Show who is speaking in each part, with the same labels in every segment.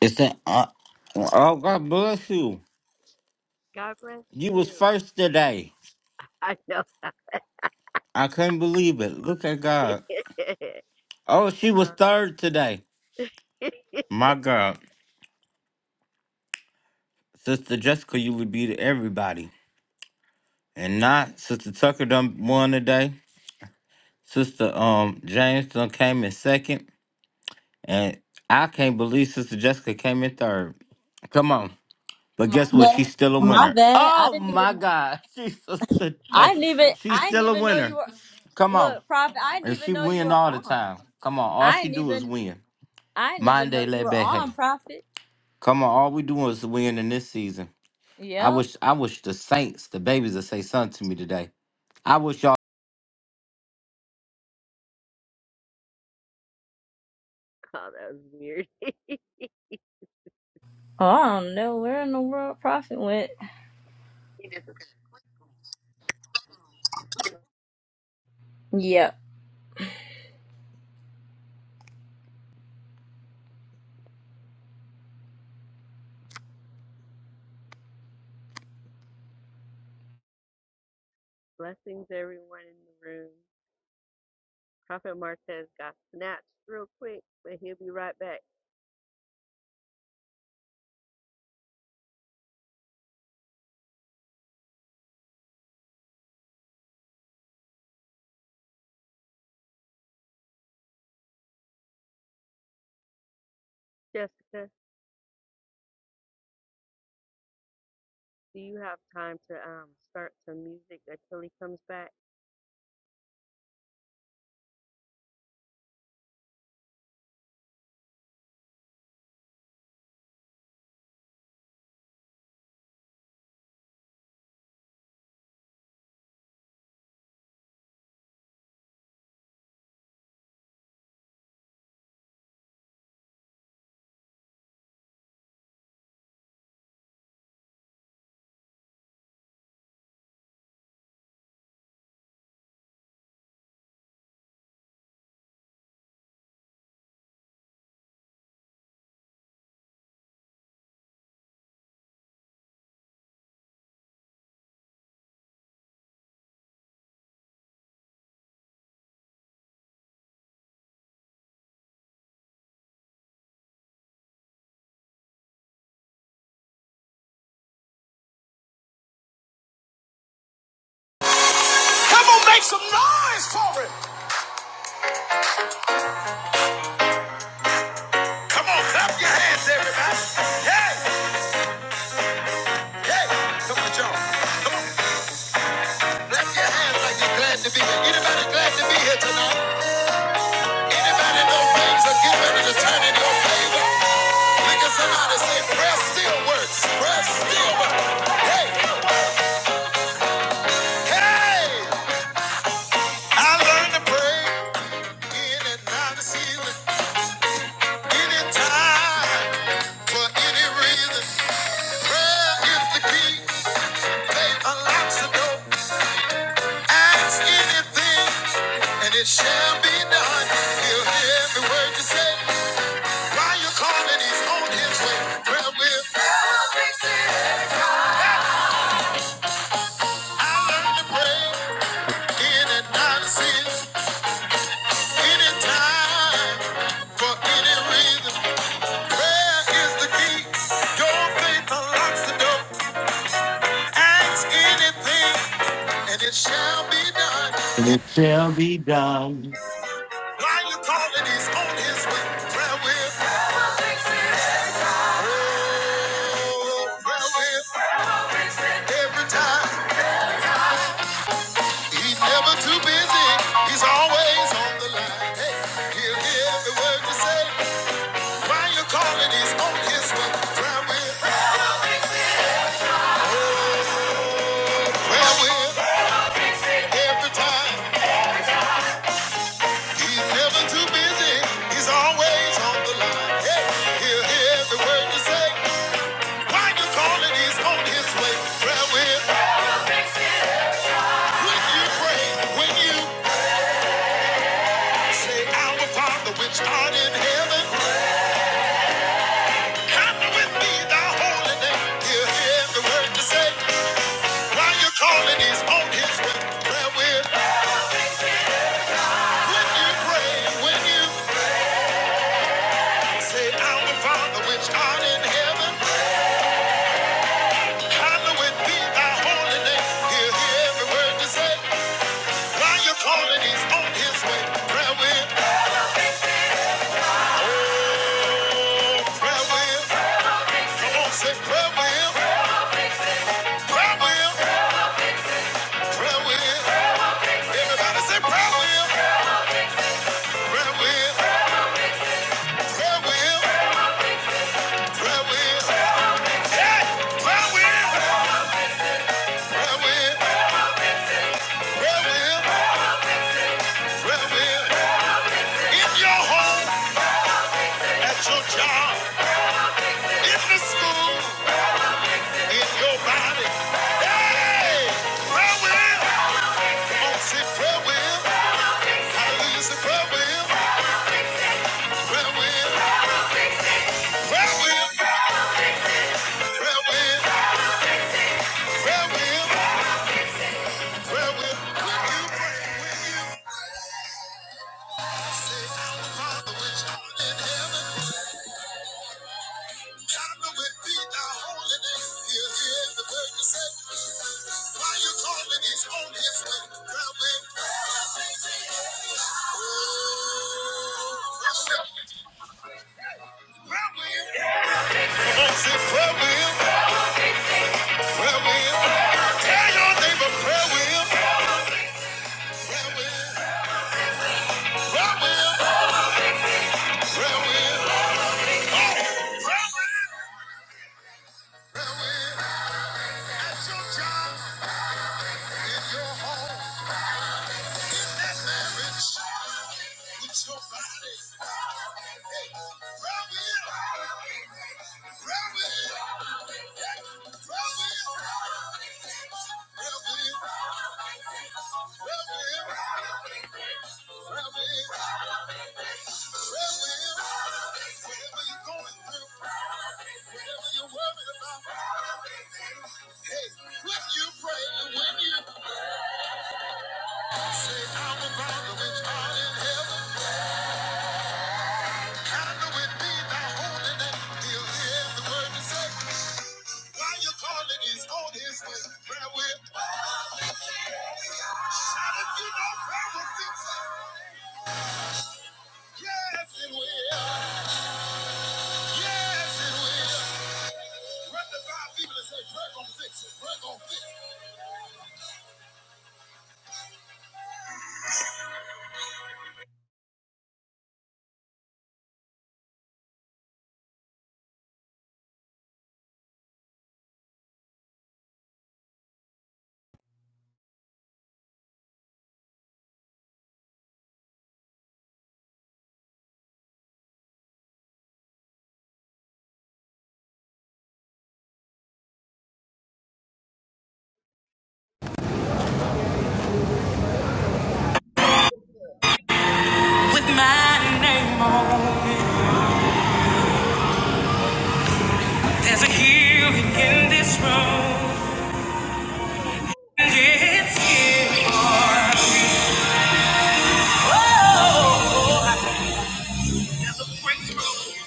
Speaker 1: It's that. Uh, oh, God bless you. You was first today. I couldn't believe it. Look at God. Oh, she was third today. My God, Sister Jessica, you would be to everybody, and not Sister Tucker done won today. Sister um James done came in second, and I can't believe Sister Jessica came in third. Come on. But
Speaker 2: My
Speaker 1: guess what?
Speaker 2: bad.
Speaker 1: She's still a
Speaker 2: My
Speaker 1: winner.
Speaker 2: bad. I
Speaker 1: Oh
Speaker 2: didn't
Speaker 1: my
Speaker 2: even.
Speaker 1: God, she's sister.
Speaker 2: I
Speaker 1: Day.
Speaker 2: didn't even.
Speaker 1: She's
Speaker 2: I didn't
Speaker 1: still a
Speaker 2: even know you
Speaker 1: winner.
Speaker 2: were.
Speaker 1: Come on.
Speaker 2: Look, prophet. I didn't
Speaker 1: And
Speaker 2: even
Speaker 1: she
Speaker 2: know you
Speaker 1: win
Speaker 2: were
Speaker 1: all the
Speaker 2: on.
Speaker 1: time. Come on, all
Speaker 2: I
Speaker 1: she
Speaker 2: didn't
Speaker 1: do is
Speaker 2: even.
Speaker 1: win.
Speaker 2: I didn't even know
Speaker 1: Monday
Speaker 2: you were
Speaker 1: Lebe
Speaker 2: on,
Speaker 1: Hey.
Speaker 2: prophet.
Speaker 1: Come on, all we doing is win in this season. I
Speaker 2: Yep.
Speaker 1: wish I wish the Saints, the babies would say something to me today. I wish y'all
Speaker 2: Oh, I don't know where in the world prophet went. Yep. Come on, make some noise for it. Come on, clap your hands, everybody. Hey, hey. Come on, y'all. Come on, clap your hands like you're glad to be here. Anybody glad to be here tonight? Anybody know things are getting ready to turn in your favor? Look at somebody say, prayer still works. Prayer still works. Hey, hey. I learned to pray in and out of ceiling, any time, for any reason. Prayer is the key. Faith unlocks the door. Ask anything, and it shall be done. He'll hear every word you say. While you're calling, he's on his way. Prayer will. I learned to pray in and out of sin. Anytime, for any reason, prayer is the key. Don't think the door. Ask anything, and it shall be done.
Speaker 1: It shall be done.
Speaker 2: While you call he's on his way. Prayer with, oh, prayer with every time. He's never too busy. He's always on the line. Hey, he'll hear every word you say. While you call it, he's on his way. Prayer with, prayer with every time. He's never too busy. He's always on the line. Hey, he'll hear every word you say. Why you calling? He's on his way. Prayer with When you pray, when you say, Our Father which art in heaven, hallowed be thy holy name. He'll hear every word you say. Why you calling? He's on his way. Prayer with When you pray, when you say, Our Father which art in heaven. Hallowed be thy holy name. He'll hear every word you say. While you're calling, he's on his way. Prayer will, oh, prayer will. Come on, say prayer will, prayer will, prayer will. Everybody say prayer will, prayer will, prayer will, prayer will. Hey, prayer will, prayer will, prayer will, prayer will. In your home, at your job, in the school. It's your body. Hey! Prayer wheel. Come on, say prayer wheel. Hallelujah, say prayer wheel. Prayer wheel. Prayer wheel. Prayer wheel. Prayer wheel. Prayer wheel. When you pray, when you say, Our Father which art in heaven, hallowed be thy holy name. He'll hear every word you say. Why you calling? He's on his way. Prayer wheel. Oh, prayer wheel. Say prayer wheel, prayer wheel. Tell your neighbor prayer wheel, prayer wheel, prayer wheel, prayer wheel. Prayer wheel. At your job, in your home, in that marriage, with your body. Hey, prayer wheel, prayer wheel, prayer wheel, prayer wheel, prayer wheel, prayer wheel. Whatever you're going through, whatever you're worried about, hey, when you pray and when you say, Our Father which art in heaven, hallowed be thy holy name. He'll hear the word to say. While you're calling, he's on his way. Prayer will. Shout if you know prayer will fix it. Yes, it will. Yes, it will. Run to five people and say, "Prayer gonna fix it. Prayer gonna fix it."
Speaker 3: with my name on it. There's a healing in this room. And it's here for me. Oh, there's a breakthrough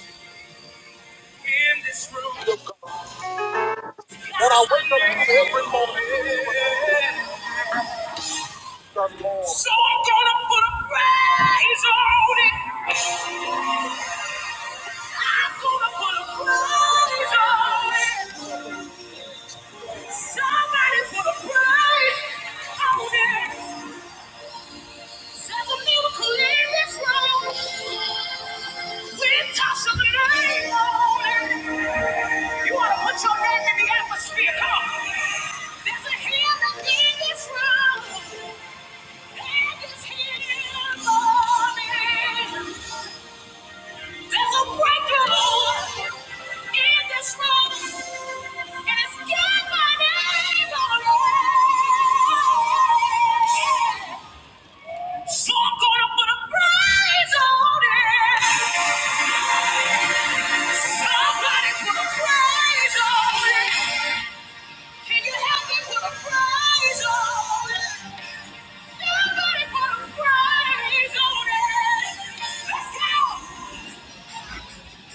Speaker 3: in this room. It's got my name
Speaker 2: Every
Speaker 3: on
Speaker 2: morning,
Speaker 3: it. So I'm gonna put a praise on it. I'm gonna put a praise on it. Somebody put a praise on it. Yeah. So I'm gonna put a prize on it. Somebody put a prize on it. Can you help me put a prize on it? Somebody put a prize on it. Let's go.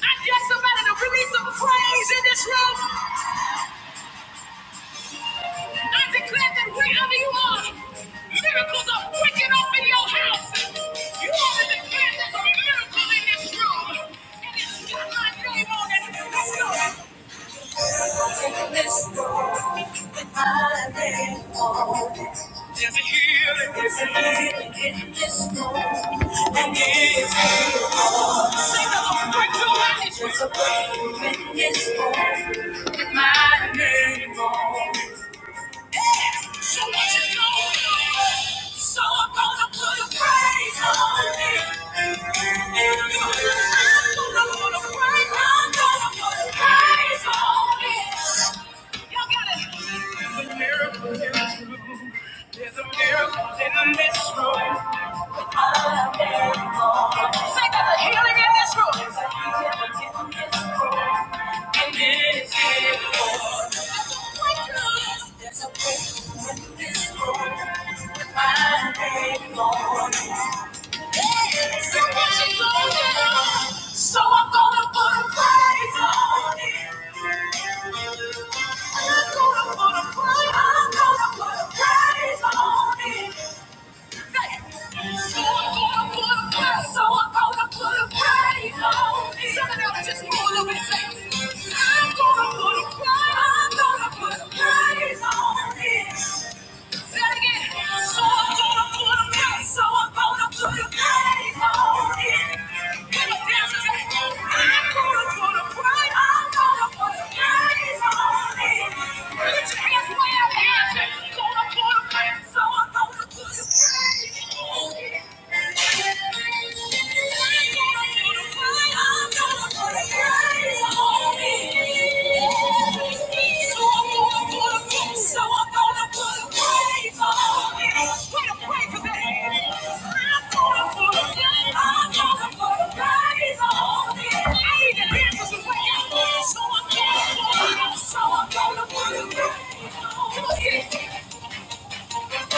Speaker 3: I dare somebody to release some praise in this room. I declare that wherever you are, miracles are breaking off in your house. You ought to declare there's a miracle in this room. And it's got my name on it. Let's go. in this world, I lay on There's a healing, there's a healing in this room. And it's a signal of breakthrough. There's a breakthrough in this room. With my name on it. So what you gonna do? So I'm gonna put a praise on it. I'm gonna praise, I'm gonna put a praise on it. Y'all got it. There's a miracle in this room. There's a miracle in this room. Say that healing in this room. in this room. There's a breakthrough in this room. With my name on it. So what you gonna do? So I'm gonna put a price on it. I'm gonna put a on it. So I'm gonna put a price, so I'm gonna put a price on it. Something else just pull up I'm gonna put a price, I'm gonna put a price on it. So I'm gonna pull them out. So I'm gonna put praise a praise. on it. Put your hands way up here. I'm gonna put a praise. So I'm gonna put a praise on it. So I'm gonna put a praise on it. I'm gonna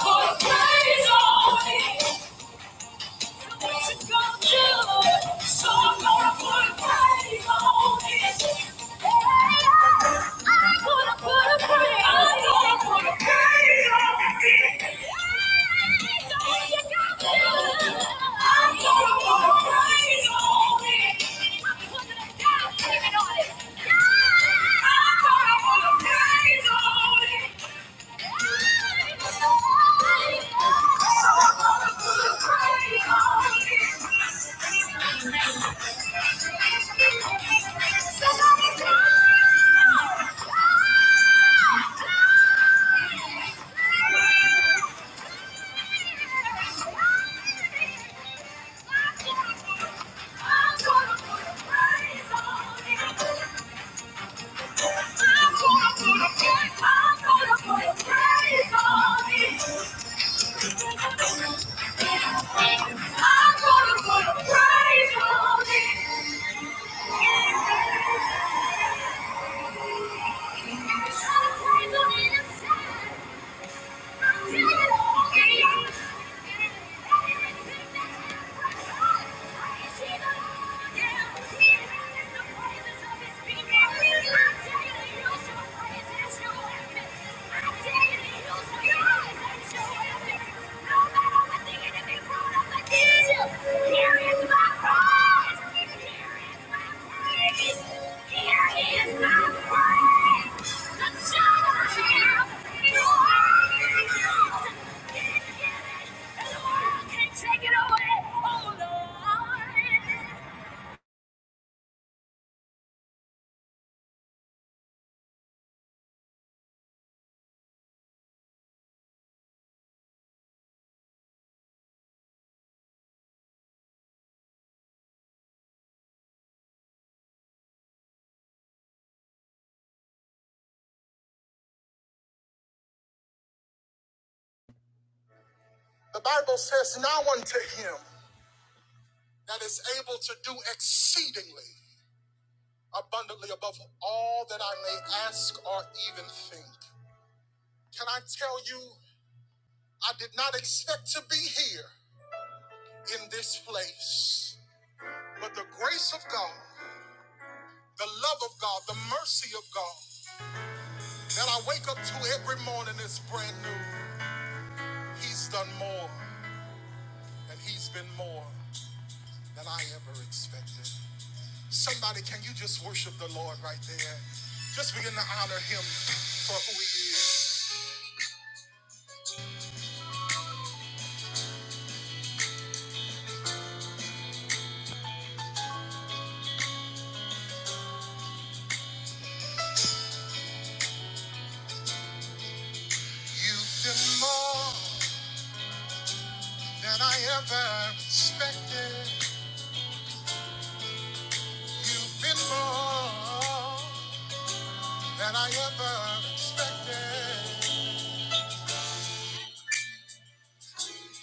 Speaker 3: put a praise on it. Yeah! I'm gonna put a praise on it. I dare you to use your eyes and show everything. No matter what the enemy Take it away, oh Lord.
Speaker 2: the Bible says, "Now unto him that is able to do exceedingly abundantly above all that I may ask or even think." Can I tell you, I did not expect to be here in this place, but the grace of God. The love of God, the mercy of God that I wake up to every morning is brand new. He's done more, and He's been more than I ever expected. Somebody, can you just worship the Lord right there? Just begin to honor Him for who He is. You've been more than I ever expected. You've been more than I ever expected.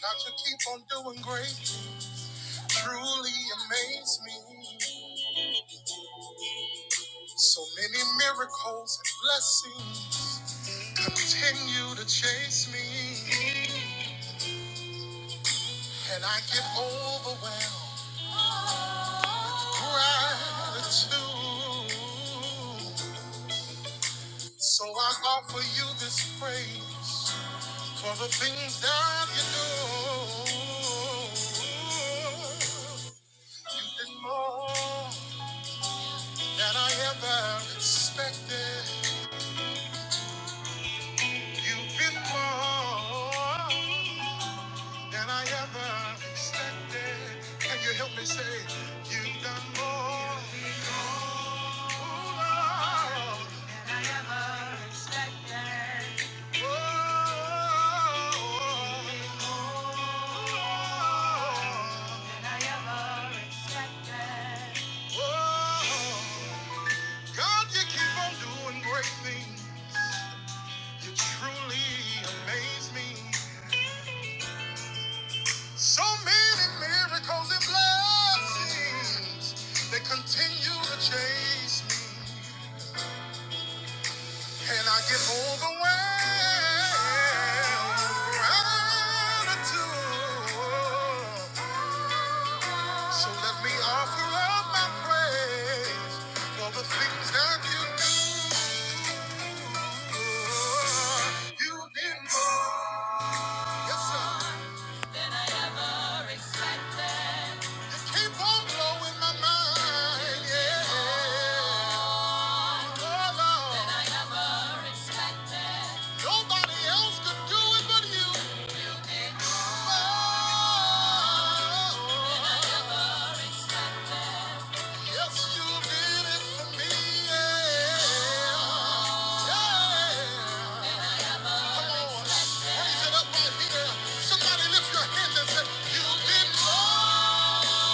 Speaker 2: God, you keep on doing great. truly amaze me. So many miracles and blessings continue to chase me, and I get overwhelmed with gratitude. So I offer you this praise for the things that you do. You've been more than I ever expected. You've been more than I ever expected. Can you help me say you've done more? Oh, Lord. Oh, oh, oh. God, you keep on doing great things. You truly amaze me. So many miracles and blessings that continue to chase me. And I get overwhelmed with gratitude. So let me offer up my praise for the things that you do. You did more. Yes, sir. Just keep on blowing my mind, yeah. Oh, Lord. Nobody else could do it but you. Oh, yes, you did it for me, yeah. Yeah. Come on, raise it up right here. Somebody lift your hands and say, you did more.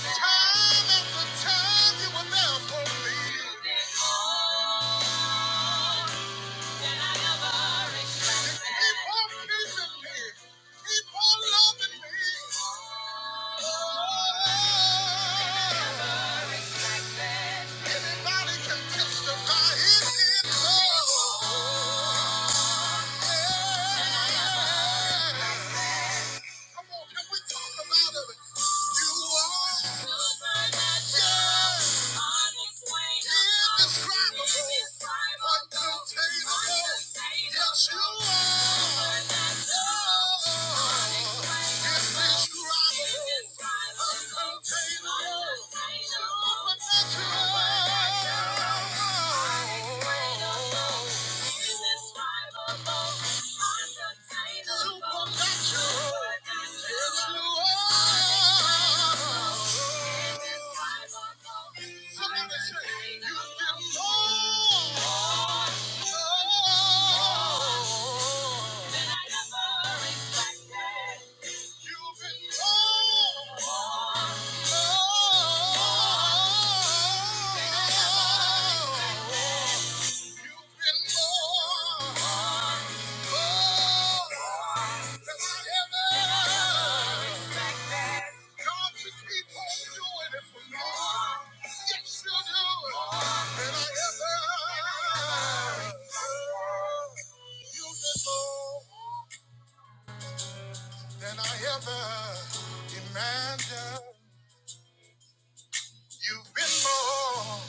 Speaker 2: Time after time, you were there for me. Keep on keeping me. Keep on loving me. Oh, anybody can testify it is so. Yeah. Come You are indescribable, uncontainable. Yes, you are. I'm Supernatural. You've been oh, oh, oh. You've been more. oh, than I ever expected. God, you keep on doing it for me. Yes, you do it. And I ever. You did more than I ever imagined. You've been more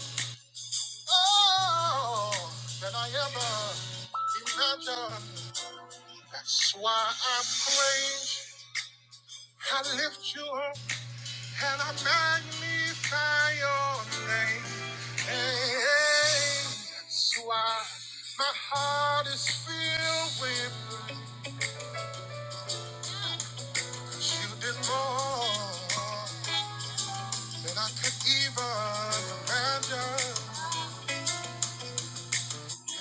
Speaker 2: oh, than I ever imagined. That's why I praise, I lift you up, and I magnify your name. Hey, hey, that's why my heart is filled with praise. 'Cause You did more than I could even imagine.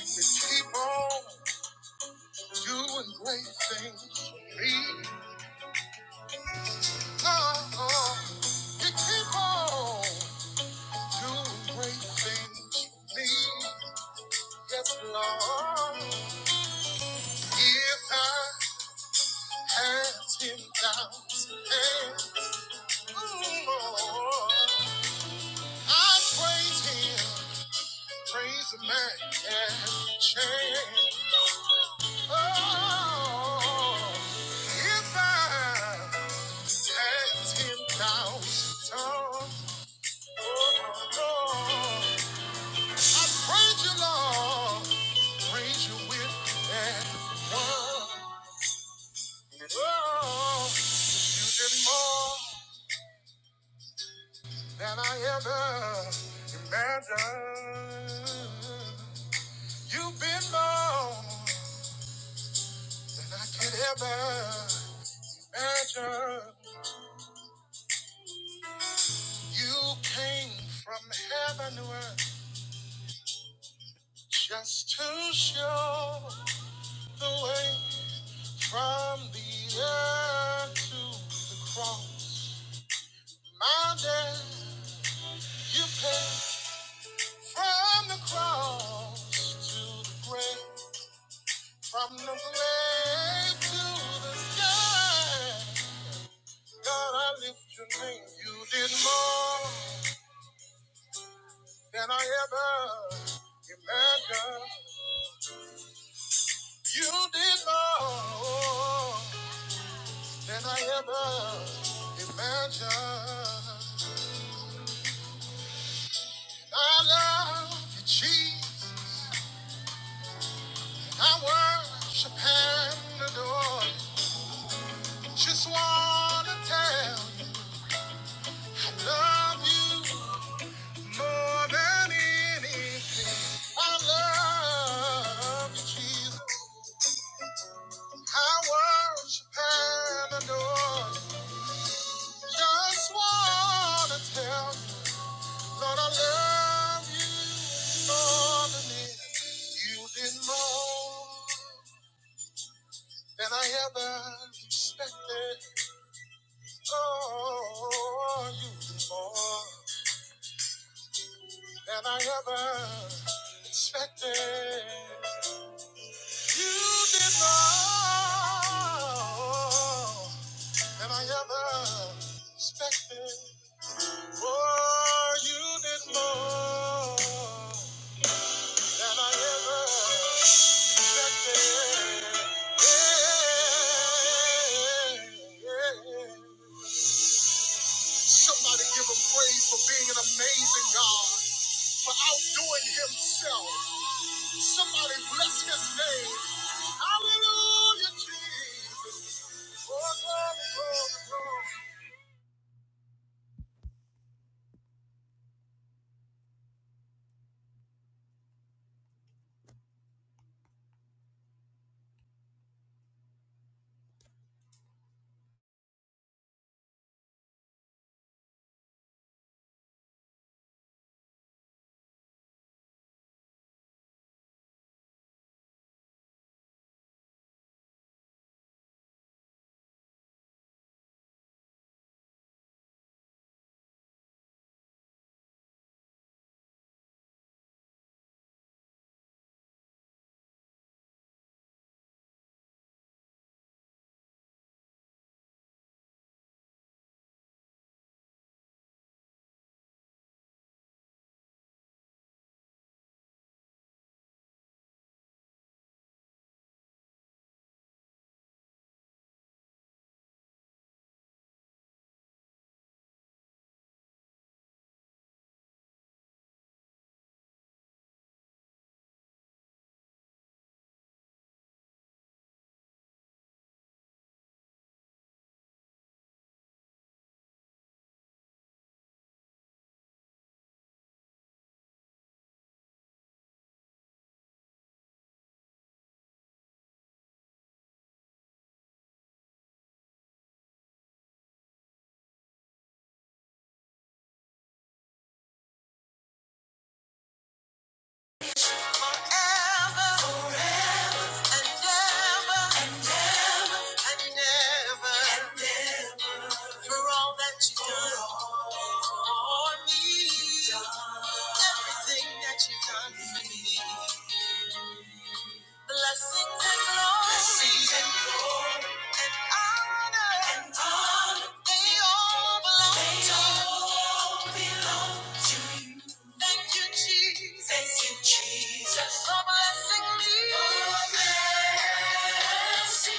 Speaker 2: to keep on doing great things for me. Oh, oh. you keep on doing great things for me. Yes, Lord. If I had 10,000 hands, oh, I'd praise Him, praise the man and change. Oh, if I Ten thousand times. Oh, oh, oh. I praise you, Lord. Praise you with everyone. Oh, you did more than I ever imagined. You've been more than I could ever imagine. You came from heaven to earth just to show the way. From the earth to the cross, my debt you paid. From the cross to the grave, from the grave to the sky. God, I lift your name. You did more than I ever imagined. You did more than I ever imagined. I love you, Jesus. I worship and adore you. Just wanna tell you, I love you more than anything. I love you, Jesus. I worship and adore you. Just wanna tell you, Lord, I love you more than anything. You did more. than I ever expected. Oh, you did more than I ever expected. You did more than I ever expected. Oh, you did more than I ever expected. Yeah, yeah, yeah. yeah. Somebody give him praise for being an amazing God, for outdoing himself. Somebody bless his name. Hallelujah, Jesus. Oh, glory, glory, glory. And ever, and ever, for all that you've done for me. Everything that you've done for me. Blessings and glory. Blessings and glory. And honor. And honor. They all belong They to you. all belong to you. Thank you, Jesus. Thank you, Jesus. For blessing me. For blessing Blessings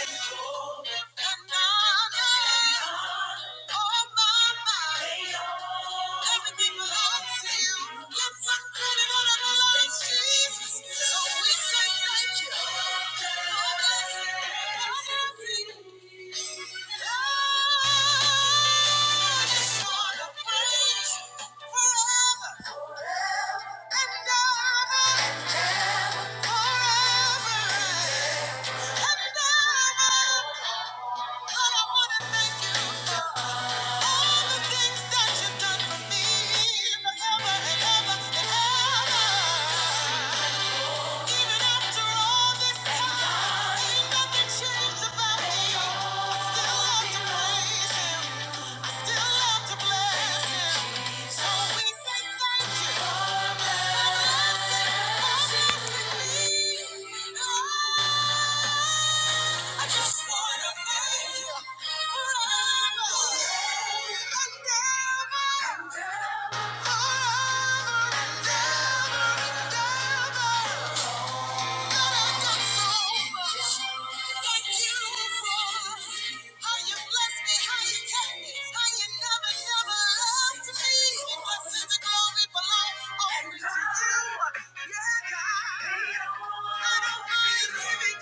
Speaker 2: and glory and honor. Oh, my, my. Everything belongs to you. Let's put it on Jesus. So we say thank you. God bless you. God bless you. I just to praise you forever. And ever. Forever. And ever. Thank you. I just wanna thank you forever and ever. We bless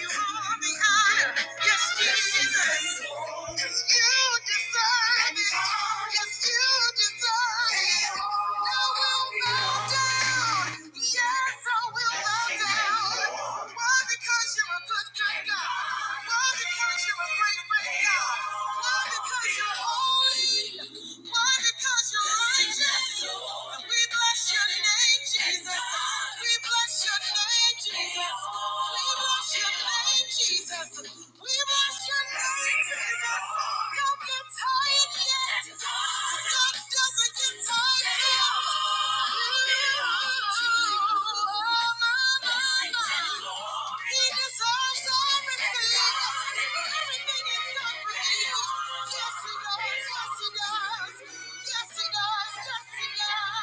Speaker 2: your name, Jesus. We bless your name, Jesus. We bless your name, Jesus. We bless your name, Jesus. Don't get tired yet. God doesn't get tired yet. Oh, my, my, my. He deserves everything. Everything is done for you. Yes, he does. Yes, he does. Yes, he does. Yes, he does.